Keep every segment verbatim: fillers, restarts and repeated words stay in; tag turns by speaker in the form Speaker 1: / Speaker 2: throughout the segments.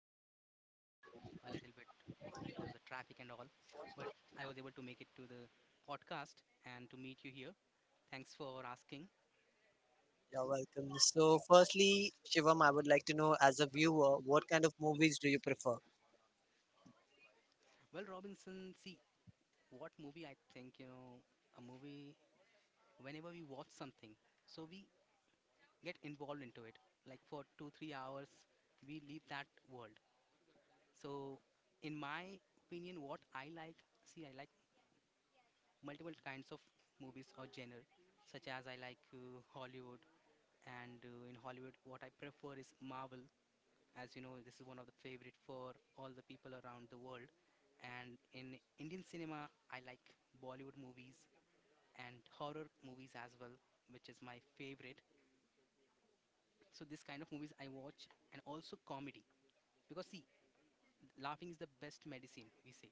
Speaker 1: traveling was, you know, a little bit, there was a traffic and all. But I was able to make it to the podcast and to meet you here. Thanks for asking.
Speaker 2: You're welcome. So, firstly, Shivam, I would like to know as a viewer, what kind of movies do you prefer?
Speaker 1: Well, Robinson, see what movie I think, you know, a movie, whenever we watch something, so we get involved into it. Like for two, three hours, we leave that world. So, in my opinion, what I like, see, I like multiple kinds of movies or genre, such as I like uh, Hollywood, and uh, in Hollywood, what I prefer is Marvel. As you know, this is one of the favorite for all the people around the world. And in Indian cinema, I like Bollywood movies and horror movies as well, which is my favorite. So this kind of movies I watch, and also comedy, because see, laughing is the best medicine we say.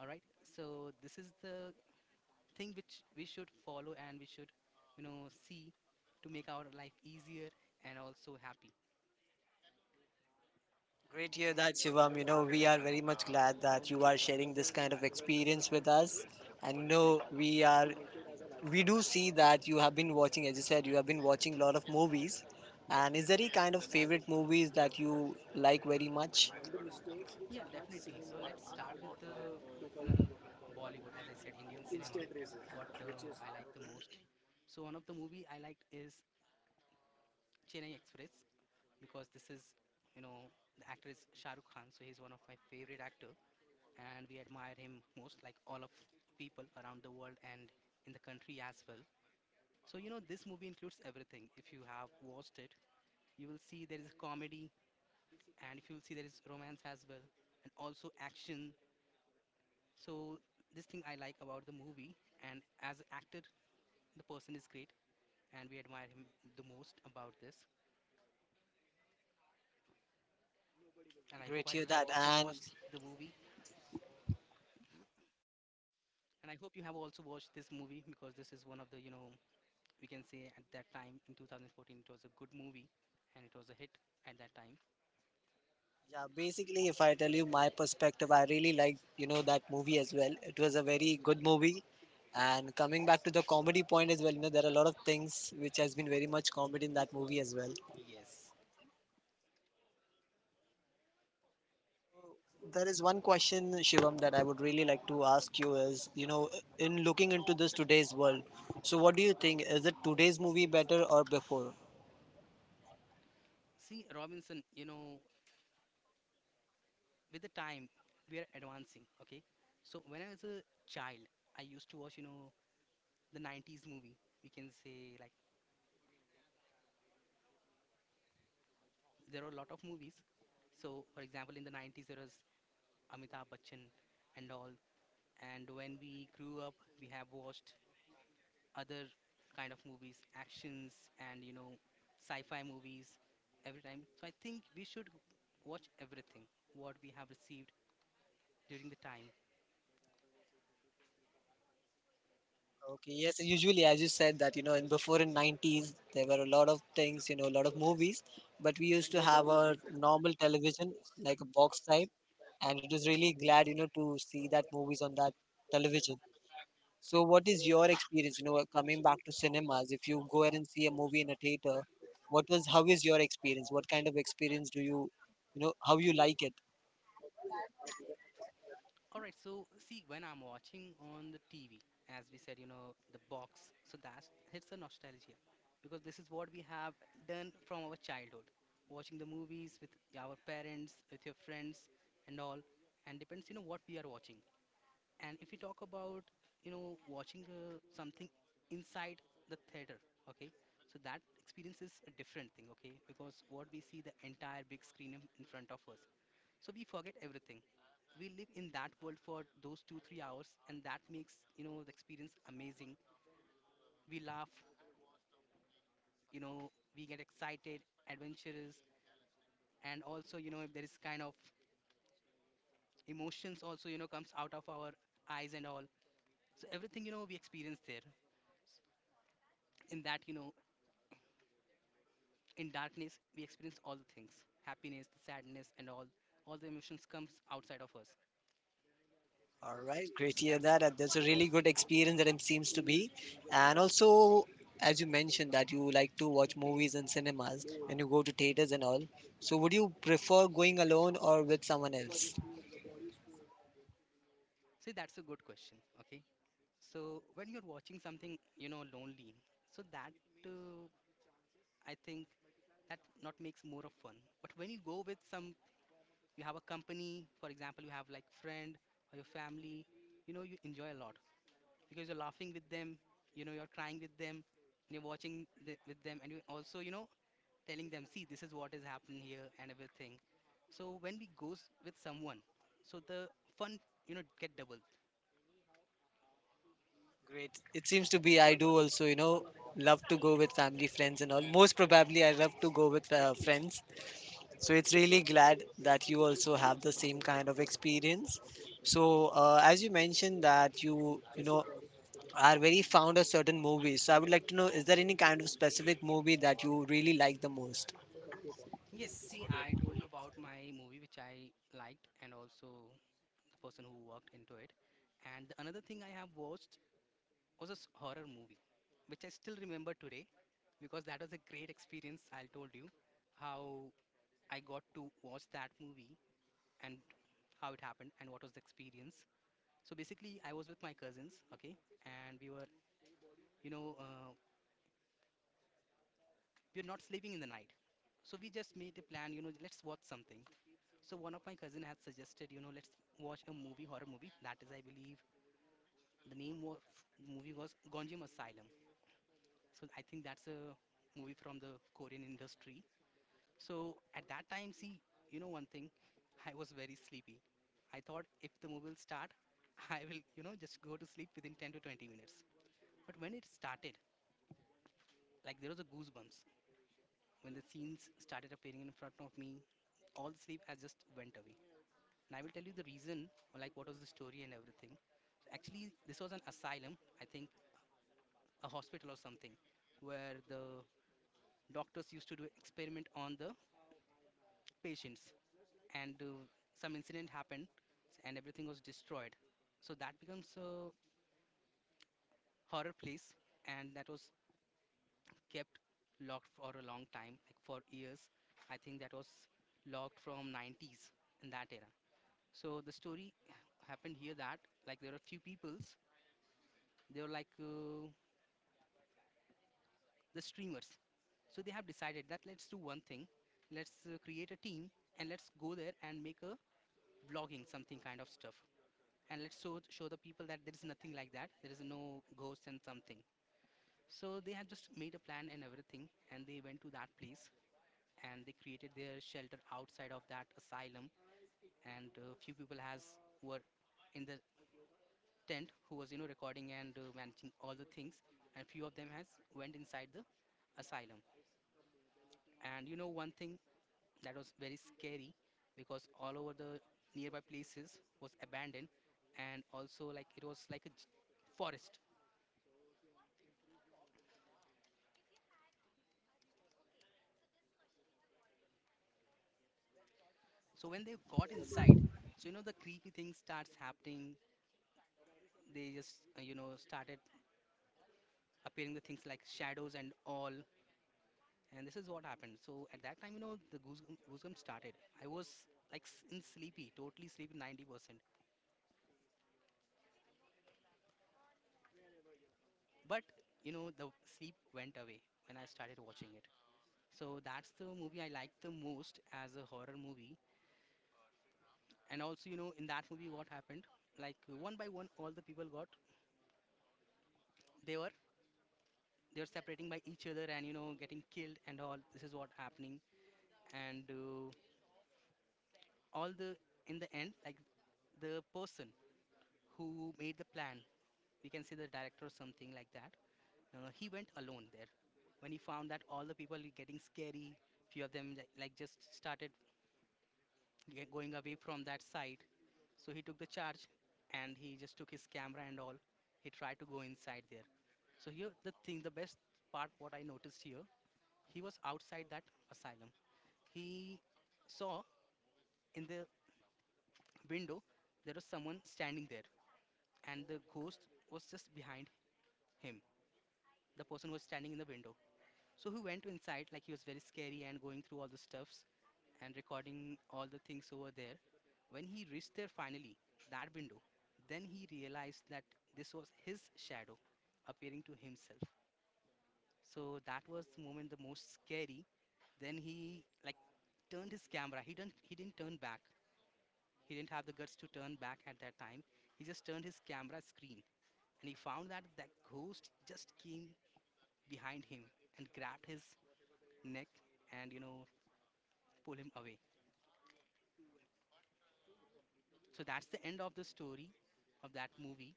Speaker 1: All right. So this is the thing which we should follow, and we should, you know, see, to make our life easier and also happy.
Speaker 2: Great to hear that, Shivam. You know, we are very much glad that you are sharing this kind of experience with us. And you know, we are we do see that you have been watching, as you said, you have been watching a lot of movies. And is there any kind of favorite movies that you like very much?
Speaker 1: Yeah, definitely. So let's start with the, you know, the Bollywood, as I said, Indian cinema. What uh, I like the most. So one of the movie I liked is Chennai Express, because this is you know the actor is Shah Rukh Khan, so he's one of my favorite actor, and we admire him most, like all of people around the world and in the country as well. So you know this movie includes everything. If you have watched it, you will see there is comedy, and if you will see there is romance as well, and also action. So this thing I like about the movie, and as actor, the person is great, and we admire him the most about this. And I
Speaker 2: Great
Speaker 1: hope I-
Speaker 2: to
Speaker 1: you
Speaker 2: hear
Speaker 1: have
Speaker 2: that.
Speaker 1: also
Speaker 2: And
Speaker 1: watched the movie. And I hope you have also watched this movie because this is one of the, you know, we can say at that time in two thousand fourteen it was a good movie and it was a hit at that time.
Speaker 2: yeah, basically, if I tell you my perspective, I really like you know that movie as well. It was a very good movie. And coming back to the comedy point as well, you know, there are a lot of things which has been very much comedy in that movie as well.
Speaker 1: Yes.
Speaker 2: There is one question, Shivam, that I would really like to ask you is, you know, in looking into this today's world, so what do you think? Is it today's movie better or before?
Speaker 1: See, Robinson, you know, with the time we are advancing, okay? So when I was a child, I used to watch, you know, the nineties movie. We can say like there are a lot of movies. So for example, in the nineties there was Amitabh Bachchan and all. And when we grew up, we have watched other kind of movies, actions, and you know sci-fi movies every time. So I think we should watch everything what we have received during the time.
Speaker 2: Okay, yes, usually as you said that, you know, in before in nineties, there were a lot of things, you know, a lot of movies, but we used to have a normal television, like a box type, and it was really glad, you know, to see that movies on that television. So, what is your experience? You know, uh, coming back to cinemas, if you go ahead and see a movie in a theater, what was how is your experience? What kind of experience do you, you know, how you like it?
Speaker 1: All right, so see, when I'm watching on the T V, as we said, you know the box. So that hits a nostalgia, because this is what we have done from our childhood, watching the movies with our parents, with your friends, and all, and depends you know what we are watching. And if we talk about you know watching uh, something inside the theater, okay, so that experience is a different thing, okay, because what we see the entire big screen in in front of us, so we forget everything. We live in that world for those two three hours, and that makes you know the experience amazing. We laugh, you know we get excited, adventurous, and also you know if there is kind of emotions, also you know comes out of our eyes and all. So everything, you know we experience there, in that, you know in darkness we experience all the things, happiness, the sadness, and all. All the emotions comes outside of us.
Speaker 2: All right, great
Speaker 1: so
Speaker 2: to hear
Speaker 1: that's
Speaker 2: that. And that's a really good experience that it seems to be, and also as you mentioned that you like to watch movies in cinemas and you go to theaters and all. So, would you prefer going alone or with someone else?
Speaker 1: see that's a good question, okay? So when you're watching something, you know lonely, so that, uh, I think that not makes more of fun. But when you go with some, you have a company, for example, you have like friend, or your family, you know you enjoy a lot, because you're laughing with them, you know you're crying with them, and you're watching the, with them, and you also, you know telling them, see this is what is happening here, and everything. So when we goes with someone, so the fun, you know get double.
Speaker 2: Great. It seems to be I do also, you know, love to go with family, friends, and all. Most probably, I love to go with uh, friends. So it's really glad that you also have the same kind of experience. So uh, as you mentioned that you you know are very fond of certain movies. So I would like to know is there any kind of specific movie that you really like the most?
Speaker 1: Yes, see, I told you about my movie which I liked, and also the person who worked into it. And the another thing I have watched was a s- horror movie, which I still remember today, because that was a great experience. I told you how I got to watch that movie, and how it happened, and what was the experience. So basically, I was with my cousins, okay, and we were you know uh, we're not sleeping in the night. So we just made a plan, you know let's watch something. So one of my cousin had suggested, you know let's watch a movie, horror movie, that is I believe the name of movie was Gonjiam Asylum. So I think that's a movie from the Korean industry. So at that time, see, you know one thing, I was very sleepy. I thought if the movie will start, I will, you know just go to sleep within ten to twenty minutes. But when it started, like, there was a goosebumps. When the scenes started appearing in front of me, all the sleep has just went away. And I will tell you the reason, or like what was the story and everything. Actually, this was an asylum, I think a hospital or something, where the doctors used to do experiment on the patients. And uh, some incident happened, and everything was destroyed. So that becomes a horror place, and that was kept locked for a long time, like for years. I think that was locked from nineties, in that era. So the story happened here that, like, there are few peoples. They were like uh, the streamers. So they have decided that let's do one thing. Let's uh, create a team and let's go there and make a vlogging something kind of stuff. And let's show show the people that there is nothing like that. There is no ghosts and something. So they had just made a plan and everything, and they went to that place, and they created their shelter outside of that asylum. And uh, few people has were in the tent who was you know recording, and uh, managing all the things. And few of them has went inside the asylum. And you know one thing, that was very scary, because all over the nearby places was abandoned, and also like it was like a j- forest. So when they got inside, so you know the creepy thing starts happening. They just uh, you know started appearing the things like shadows and all. And this is what happened. So at that time, you know the goose goosebumps started. I was like s- in sleepy, totally sleepy ninety percent. But, you know, the sleep went away when I started watching it. So that's the movie I liked the most as a horror movie. And also, you know, in that movie, what happened? Like one by one, all the people got they were they were separating by each other, and you know getting killed and all. This is what happening. And uh, all the in the end, like the person who made the plan, we can say the director or something like that. Uh, he went alone there when he found that all the people getting scary. Few of them like like just started get going away from that site. So he took the charge, and he just took his camera and all. He tried to go inside there. So here the thing, the best part what I noticed here, he was outside that asylum. He saw in the window there was someone standing there, and the ghost was just behind him. The person was standing in the window. So he went inside, like he was very scary, and going through all the stuffs, and recording all the things over there. When he reached there finally, that window, then he realized that this was his shadow appearing to himself. So that was the moment the most scary. Then he like turned his camera. He didn't he didn't turn back. He didn't have the guts to turn back at that time. He just turned his camera screen, and he found that that ghost just came behind him, and grabbed his neck, and you know pull him away. So that's the end of the story of that movie.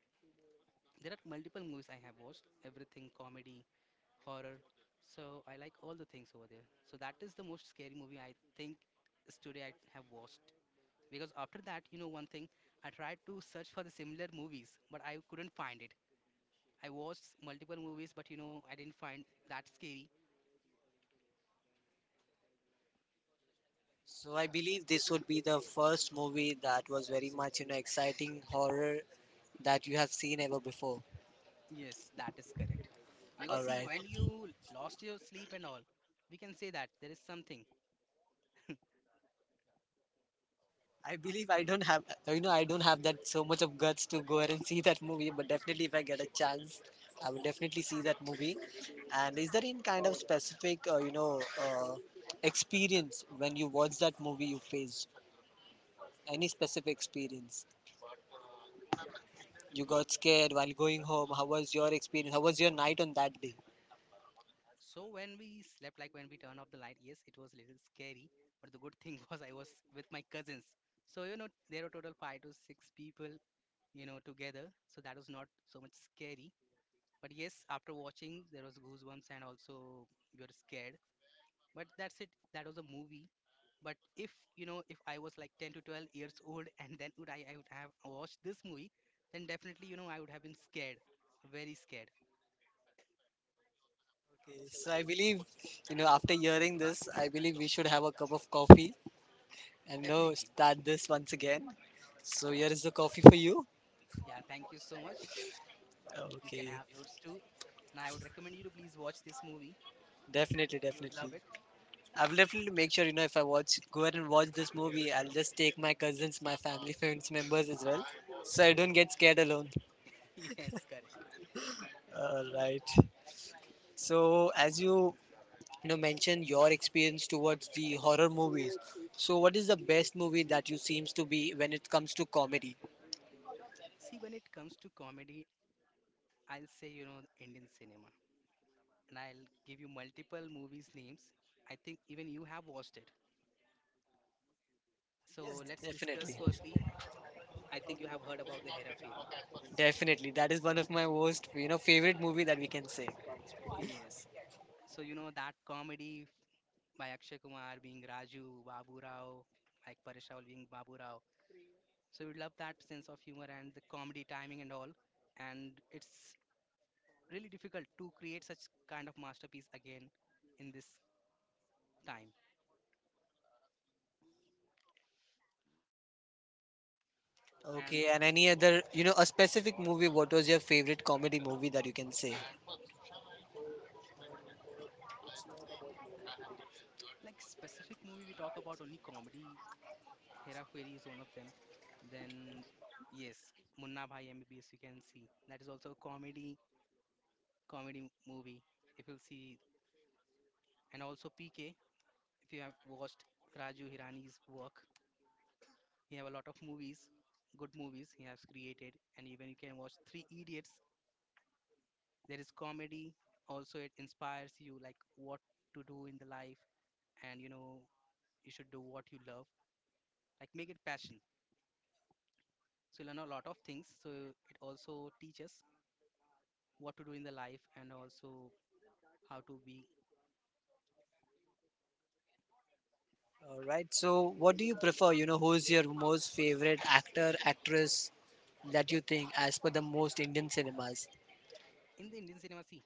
Speaker 1: There are multiple movies I have watched, everything comedy, horror. So I like all the things over there. So that is the most scary movie I think is today I have watched. Because after that, you know one thing, I tried to search for the similar movies, but I couldn't find it. I watched multiple movies, but you know I didn't find that scary.
Speaker 2: So I believe this would be the first movie that was very much you know exciting horror that you have seen ever before.
Speaker 1: Yes, that is correct. Because
Speaker 2: All
Speaker 1: see,
Speaker 2: right.
Speaker 1: when you lost your sleep and all, we can say that there is something.
Speaker 2: I believe I don't have, you know, I don't have that so much of guts to go ahead and see that movie. But definitely, if I get a chance, I would definitely see that movie. And is there any kind of specific, uh, you know, uh, experience when you watch that movie you faced? Any specific experience? You got scared while going home. How was your experience? How was your night on that day?
Speaker 1: So when we slept, like when we turned off the light, yes, it was a little scary. But the good thing was I was with my cousins. So you know, there were total five to six people, you know, together. So that was not so much scary. But yes, after watching, there was goosebumps and also we were scared. But that's it. That was a movie. But if you know, if I was like ten to twelve years old and then would I, I would have watched this movie, then definitely you know I would have been scared, very scared.
Speaker 2: Okay, so I believe, you know, after hearing this, I believe we should have a cup of coffee and you know
Speaker 1: Definitely.
Speaker 2: start this once again. So here is the coffee for you.
Speaker 1: Yeah. Thank you so much. You can
Speaker 2: Okay.
Speaker 1: have yours too. And I would recommend you to please watch this movie.
Speaker 2: Definitely,
Speaker 1: You'd
Speaker 2: definitely.
Speaker 1: love it,
Speaker 2: I will definitely make sure, you know, if I watch, go ahead and watch this movie, I'll just take my cousins, my family, friends, members as well, so I don't
Speaker 1: definitely.
Speaker 2: get scared alone.
Speaker 1: Yes, correct.
Speaker 2: All right. So, as you, you know, mentioned your experience towards the horror movies, so what is the best movie that you seems to be when it comes to comedy?
Speaker 1: See, when it comes to comedy, I'll say, you know, Indian cinema. And I'll give you multiple movies' names. I think even you have watched it.
Speaker 2: Yes,
Speaker 1: So let's discuss
Speaker 2: definitely,
Speaker 1: firstly. I think you have heard about the Hera Fairy.
Speaker 2: definitely. That is one of my worst, you know, favorite movie that we can say.
Speaker 1: Yes. So, you know, that comedy by Akshay Kumar being Raju, Babu Rao, like Paresh Rawal being Babu Rao. So, you love that sense of humor and the comedy timing and all. And it's really difficult to create such kind of masterpiece again in this time. And
Speaker 2: Okay,
Speaker 1: if,
Speaker 2: and any other, you know, a specific movie, what was your favorite comedy movie that you can say?
Speaker 1: like specific movie we talk about only comedy, Hera Fairy is one of them. Then yes, Munna Bhai M B B S we can see that is also a comedy comedy movie. If you'll see, and also P K if you have watched Raju Hirani's work, he have a lot of movies, good movies he has created, and even you can watch Three Idiots. There is comedy. Also, it inspires you like what to do in the life and you know you should do what you love, like make it passion, so you learn a lot of things, so it also teaches what to do in the life and also how to be
Speaker 2: All right. So, what do you prefer? You know, who's your most favorite actor, actress that you think, as per the most Indian cinemas?
Speaker 1: in the Indian cinema. See,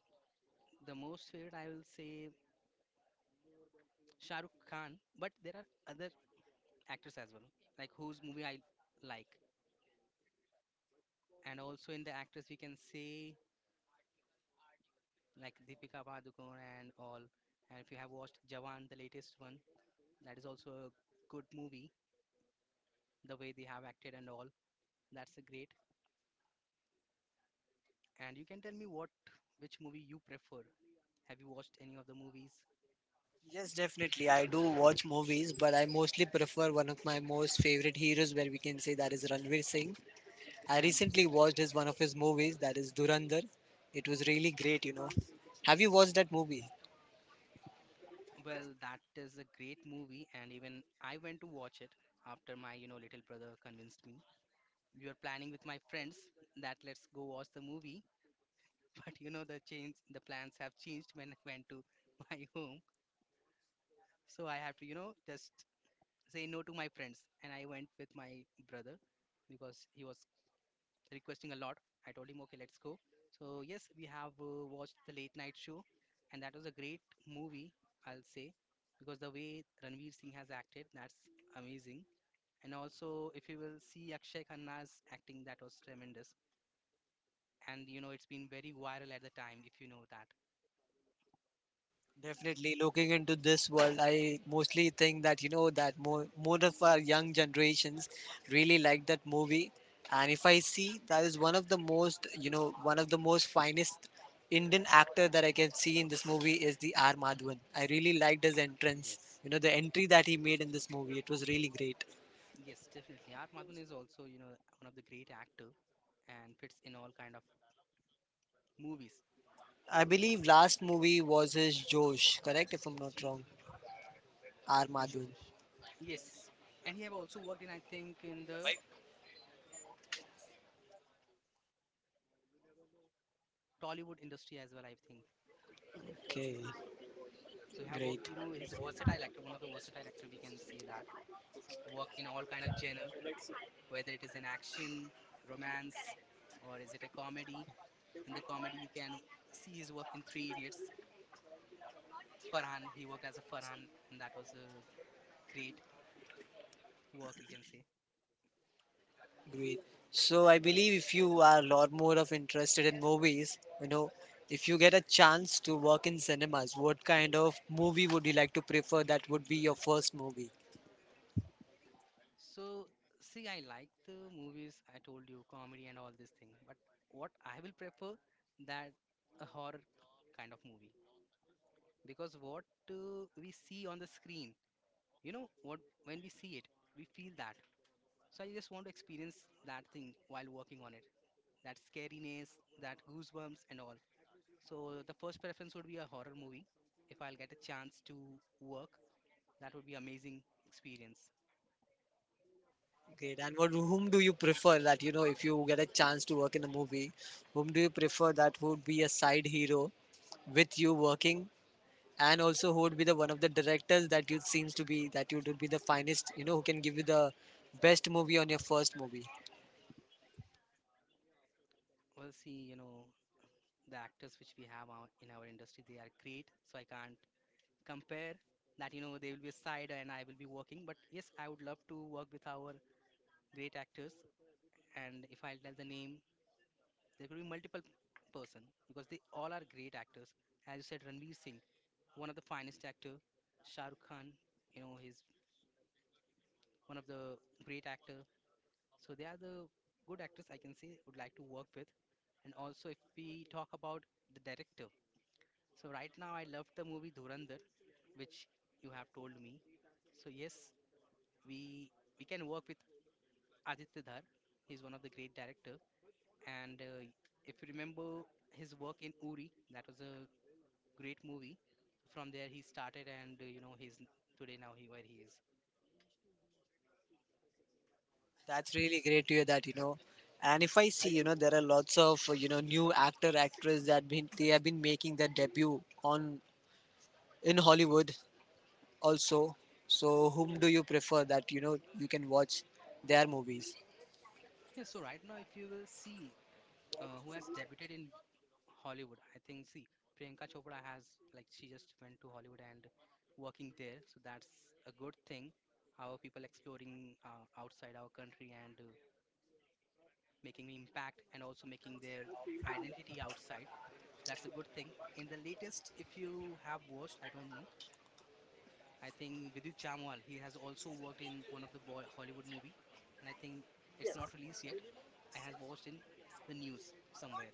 Speaker 1: the most favorite I will say Shah Rukh Khan, but there are other actors as well like whose movie I like. And also in the actors we can say like Deepika Padukone and all. And if you have watched Jawan, the latest one, that is also a good movie, the way they have acted and all. That's a great. And you can tell me what which movie you prefer. Have you watched any of the movies?
Speaker 2: Yes, definitely. I do watch movies, but I mostly prefer one of my most favorite heroes, where we can say that is Ranveer Singh. I
Speaker 1: Ranveer
Speaker 2: recently
Speaker 1: Singh?
Speaker 2: watched his one of his movies, that is Durandar. It was really great, you know. Have you watched that movie?
Speaker 1: Well, that is a great movie, and even I went to watch it after my you know little brother convinced me. We were planning with my friends that let's go watch the movie, but you know the change the plans have changed when I went to my home, so I have to you know just say no to my friends, and I went with my brother because he was requesting a lot. I told him, okay, let's go. So, yes, we have uh, watched the late night show, and that was a great movie, I'll say, because the way Ranveer Singh has acted, that's amazing. And also, if you will see Akshay Khanna's acting, that was tremendous. And you know, it's been very viral at the time, if you know that.
Speaker 2: Definitely, looking into this world, I mostly think that you know that more more of our young generations really like that movie, and if I see that is one of the most you know one of the most finest Indian actor that I can see in this movie is the R Madhavan. I really liked his entrance,
Speaker 1: Yes,
Speaker 2: you know the entry that he made in this movie. It was really great.
Speaker 1: yes, definitely. R. Madhavan is also, you know, one of the great actor and fits in all kind of movies.
Speaker 2: I believe last movie was his Josh, correct? If I'm not wrong, R Madhavan.
Speaker 1: Josh. Yes, and he have also worked in I think in the Tollywood industry as well, I think.
Speaker 2: Okay,
Speaker 1: So he have worked,
Speaker 2: great.
Speaker 1: you know, he's a versatile actor, one of the versatile actor we can say that. Worked in all kind of genre, whether it is an action, romance, or is it a comedy. In the comedy, you can see his work in Three Idiots. Farhan, he worked as a Farhan, and that was a great work we can say.
Speaker 2: Great. So I believe if you are a lot more of interested in movies, you know, if you get a chance to work in cinemas, what kind of movie would you like to prefer that would be your first movie?
Speaker 1: So see, I like the movies. I told you comedy and all this thing, but what I will prefer that a horror kind of movie, because what uh, we see on the screen, you know what when we see it we feel that. So I just want to experience that thing while working on it, that scariness, that goosebumps and all. So the first preference would be a horror movie. If I'll get a chance to work, that would be amazing experience.
Speaker 2: Great. And what whom do you prefer that, you know, if you get a chance to work in a movie, whom do you prefer that would be a side hero with you working and also who would be the one of the directors that you seems to be that you would be the finest, you know, who can give you the best movie on your first movie?
Speaker 1: We'll see you know the actors which we have our, in our industry, they are great, so I can't compare that you know they will be a side and I will be working. But yes, I would love to work with our great actors. And if I'll tell the name, there could be multiple person because they all are great actors. As you said, Ranveer Singh, one of the finest actor. Shah Rukh Khan, you know, he's one of the great actor. So they are the good actors I can say would like to work with. And also, if we talk about the director, so right now I love the movie Dhurandhar, which you have told me. So yes, we we can work with Aditya Dhar. He's one of the great director. And uh, if you remember his work in Uri, that was a great movie. From there, he started, and uh, you know, he's n- today now he where he is.
Speaker 2: That's really great to hear that, you know. And if I see, you know, there are lots of you know new actor actress that been they have been making their debut on in Hollywood also. So whom do you prefer that you know you can watch their movies?
Speaker 1: Yeah, so right now, if you will see uh, who has debuted in Hollywood, I think see Priyanka Chopra has like she just went to Hollywood and working there, so that's a good thing. Our people exploring uh, outside our country and uh, making impact and also making their identity outside. That's a good thing. In the latest, if you have watched, I don't know, I think Vidit Chamwal, he has also worked in one of the Bo- Hollywood movie, and I think it's not released yet. I have watched in the news somewhere.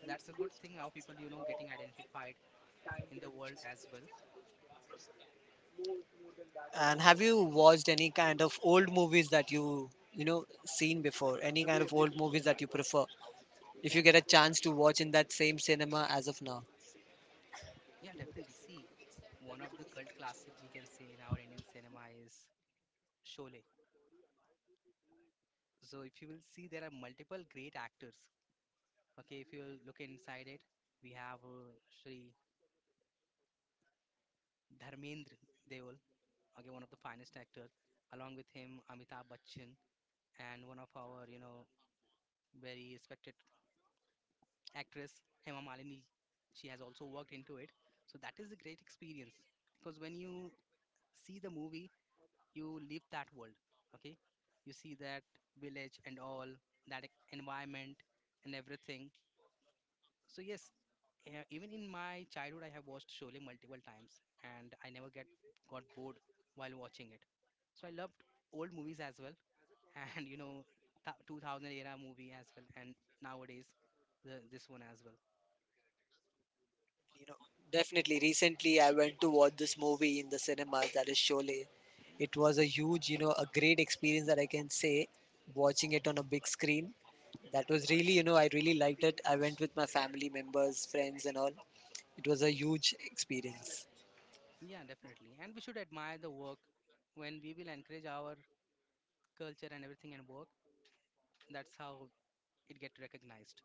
Speaker 1: So that's a good thing. How people, you know, getting identified in the world as well.
Speaker 2: And have you watched any kind of old movies that you you know seen before? Any kind of old movies that you prefer? If you get a chance to watch in that same cinema as of now.
Speaker 1: Yeah, definitely. See, one of the cult classic we can say in our Indian cinema is Sholay. So if you will see, there are multiple great actors. Okay, if you will look inside it, we have uh, Shri Dharmendra Deol, okay, one of the finest actors. Along with him, Amitabh Bachchan, and one of our you know very respected actress Hema Malini, she has also worked into it. So that is a great experience, because when you see the movie you leave that world. Okay, you see that village and all that e- environment and everything. So yes, e- even in my childhood I have watched Sholay multiple times and I never get got bored while watching it. So I loved old movies as well, and you know th- two thousand era movie as well, and nowadays the, this one as well.
Speaker 2: You know, definitely. Recently, I went to watch this movie in the cinemas. That is Sholay. It was a huge, you know, a great experience that I can say. Watching it on a big screen, that was really, you know, I really liked it. I went with my family members, friends, and all. It was a huge experience.
Speaker 1: Yeah, definitely, and we should admire the work. When we will encourage our culture and everything and work, that's how it get recognized.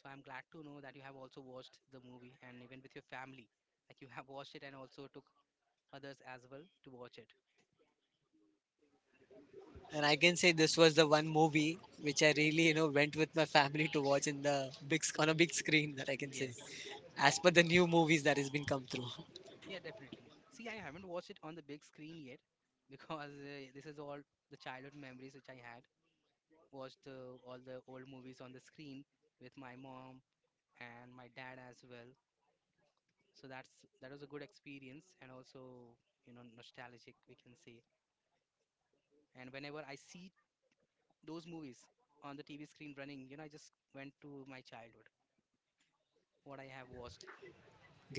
Speaker 1: So I'm glad to know that you have also watched the movie and even with your family, like you have watched it and also took others as well to watch it.
Speaker 2: And I can say this was the one movie which I really, you know, went with my family to watch in the big sc- on a big screen that I can say,
Speaker 1: Yes.
Speaker 2: as per the new movies that has been come through.
Speaker 1: Yeah, definitely. See, I haven't watched it on the big screen yet because uh, this is all the childhood memories which I had watched uh, all the old movies on the screen with my mom and my dad as well. So that's that was a good experience, and also you know nostalgic we can say. And whenever I see those movies on the T V screen running, you know I just went to my childhood, what I have watched.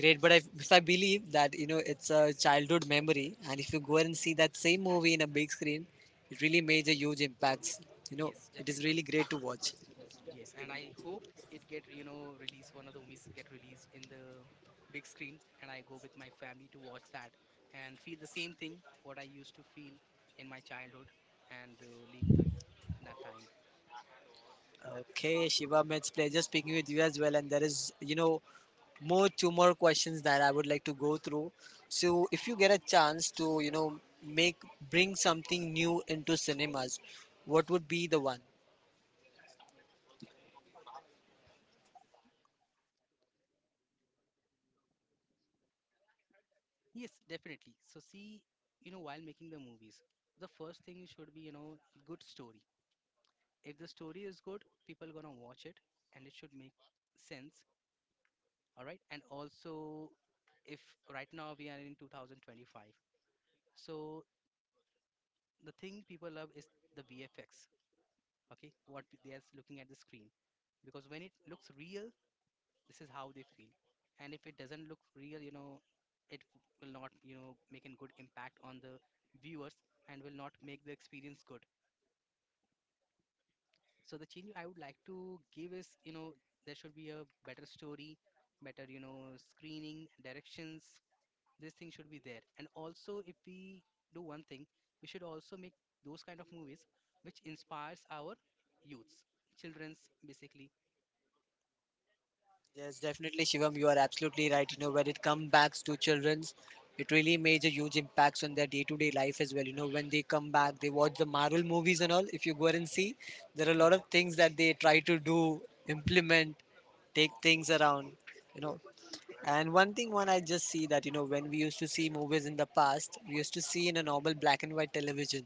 Speaker 2: Great, but I, if I believe that you know it's a childhood memory, and if you go and see that same movie in a big screen, it really made a huge impacts. You know,
Speaker 1: Yes,
Speaker 2: it is
Speaker 1: definitely.
Speaker 2: really great to watch.
Speaker 1: Yes, and I hope it get you know released. One of the movies get released in the big screen, and I go with my family to watch that and feel the same thing what I used to feel in my childhood, and uh, leave the that time.
Speaker 2: Okay, Shivam, it's pleasure speaking with you as well. And there is you know more two more questions that I would like to go through. So if you get a chance to you know make bring something new into cinemas, what would be the one?
Speaker 1: Yes, definitely. So see, you know, while making the movies, the first thing should be you know good story. If the story is good, people gonna watch it, and it should make sense. All right, and also if right now we are in two thousand twenty-five, so the thing people love is the V F X. Okay, what p- they are looking at the screen, because when it looks real, this is how they feel, and if it doesn't look real, you know, it will not you know make a good impact on the viewers, and will not make the experience good. So the change I would like to give is you know there should be a better story, better you know screening directions. This thing should be there, and also if we do one thing, we should also make those kind of movies which inspires our youths, children's basically.
Speaker 2: Yes, definitely, Shivam. You are absolutely right. You know, when it comes back to children's, it really made a huge impacts on their day-to-day life as well. You know, when they come back, they watch the Marvel movies and all. If you go and see, there are a lot of
Speaker 1: Mhm.
Speaker 2: things that they try to do, implement, take things around. You know, and one thing, one I just see that you know, when we used to see movies in the past, we used to see in a normal black and white television.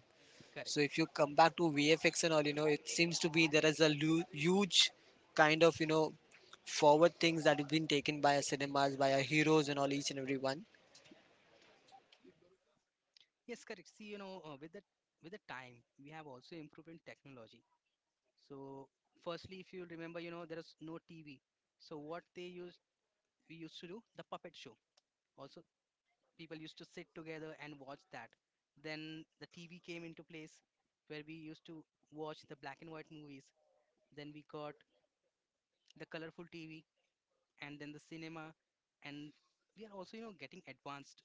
Speaker 2: So
Speaker 1: Correct.
Speaker 2: if you come back to V F X and all, you know, it seems to be there is a lu- huge kind of you know forward things that have been taken by our cinemas, by our heroes and all each and every one.
Speaker 1: Yes, correct. See, you know uh, with the with the time we have also improved in technology. So firstly, if you remember, you know there is no TV, so what they used we used to do the puppet show. Also, people used to sit together and watch that. Then the TV came into place where we used to watch the black and white movies. Then we got the colorful T V, and then the cinema. And we are also you know getting advanced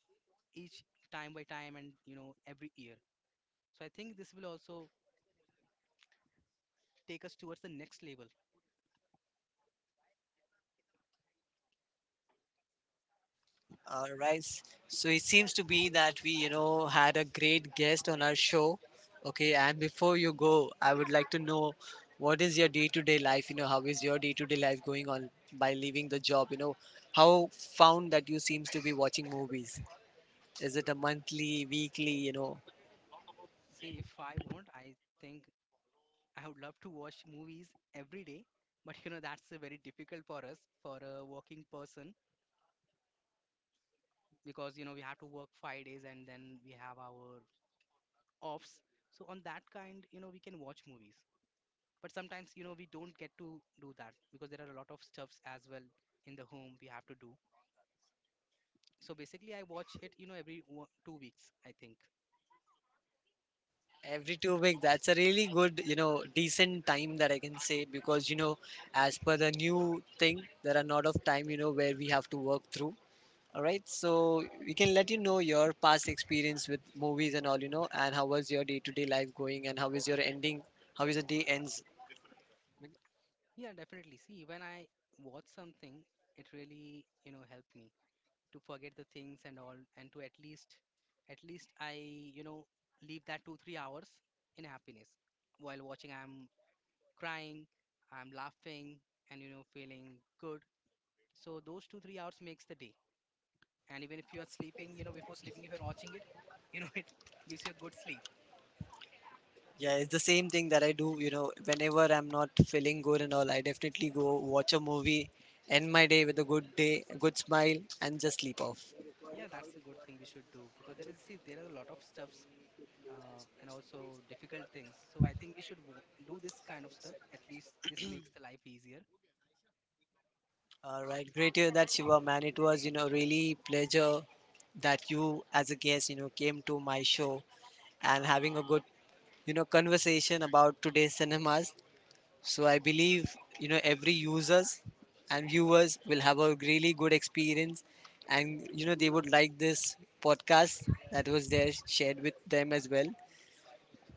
Speaker 1: each time by time and you know every year. So I think this will also take us towards the next level.
Speaker 2: All right. So it seems to be that we you know had a great guest on our show. Okay, and before you go, I would like to know what is your day-to-day life? You know, how is your day-to-day life going on by leaving the job? You know, how found that you seems to be watching movies? Is it a monthly, weekly? You know,
Speaker 1: See, if I want, I think I would love to watch movies every day, but you know that's uh, very difficult for us, for a working person, because you know we have to work five days and then we have our offs. So on that kind, you know, we can watch movies. But sometimes you know we don't get to do that, because there are a lot of stuffs as well in the home we have to do. So basically I watch it you know every wo- two weeks I think.
Speaker 2: Every two week, that's a really good, you know, decent time that I can say because, you know, as per the new thing, there are not of time, you know, where we have to work through. All right, so we can let you know your past experience with movies and all, you know, and how was your day-to-day life going, and how is your ending, how is the day ends.
Speaker 1: Yeah, definitely. See, when I watch something, it really you know helped me to forget the things and all, and to at least at least I you know leave that two three hours in happiness. While watching I'm crying, I'm laughing, and you know feeling good. So those two three hours makes the day. And even if you are sleeping, you know before sleeping, if you're watching it, you know it gives you a good sleep.
Speaker 2: Yeah, it's the same thing that I do, you know, whenever I'm not feeling good and all, I definitely go watch a movie, end my day with a good day, a good smile, and just sleep off.
Speaker 1: Yeah, that's a good thing we should do, because there is, see, there are a lot of stuffs uh, and also difficult things. So I think we should wo- do this kind of stuff. At least this makes the life easier.
Speaker 2: All right, great to hear that Shiva, man. It was, you know, really pleasure that you, as a guest, you know, came to my show and having a good, you know, conversation about today's cinemas. So I believe, you know, every users and viewers will have a really good experience, and you know, they would like this podcast that was there shared with them as well.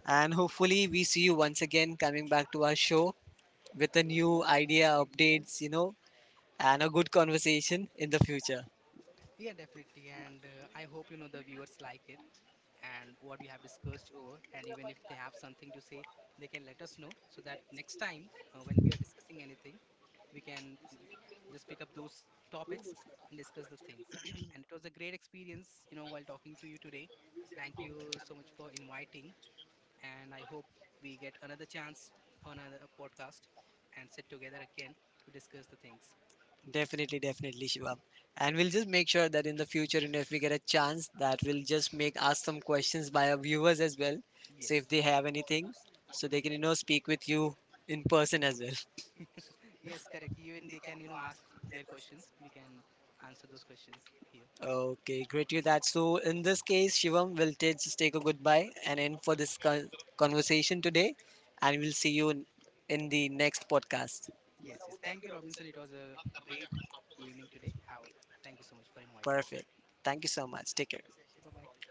Speaker 2: And hopefully, we see you once again coming back to our show with a new idea, updates, you know, and a good conversation in the future.
Speaker 1: Yeah, definitely, and uh, I hope you know the viewers like it and what we have discussed over. And even if they have something to say, they can let us know, so that next time uh, when we are discussing anything, we can just pick up those topics and discuss the things. And it was a great experience, you know, while talking to you today. Thank you so much for inviting, and I hope we get another chance on another podcast and sit together again to discuss the things.
Speaker 2: Definitely, definitely, Shivam. And we'll just make sure that in the future, you know, if we get a chance, that we'll just make ask some questions by our viewers as well. So
Speaker 1: Yes,
Speaker 2: if they have anything, so they can you know speak with you in person as well.
Speaker 1: yes, correct. Even they can, you know, ask their questions. We can answer those questions here.
Speaker 2: Okay, great to hear that. So in this case, Shivam, we'll t- just take a goodbye and end for this con- conversation today, and we'll see you in, in the next podcast.
Speaker 1: Yes, yes. Thank you, Robinson. It was a great evening today. How, thank you so much for inviting.
Speaker 2: Perfect. Thank you so much. Take care.
Speaker 1: Bye bye.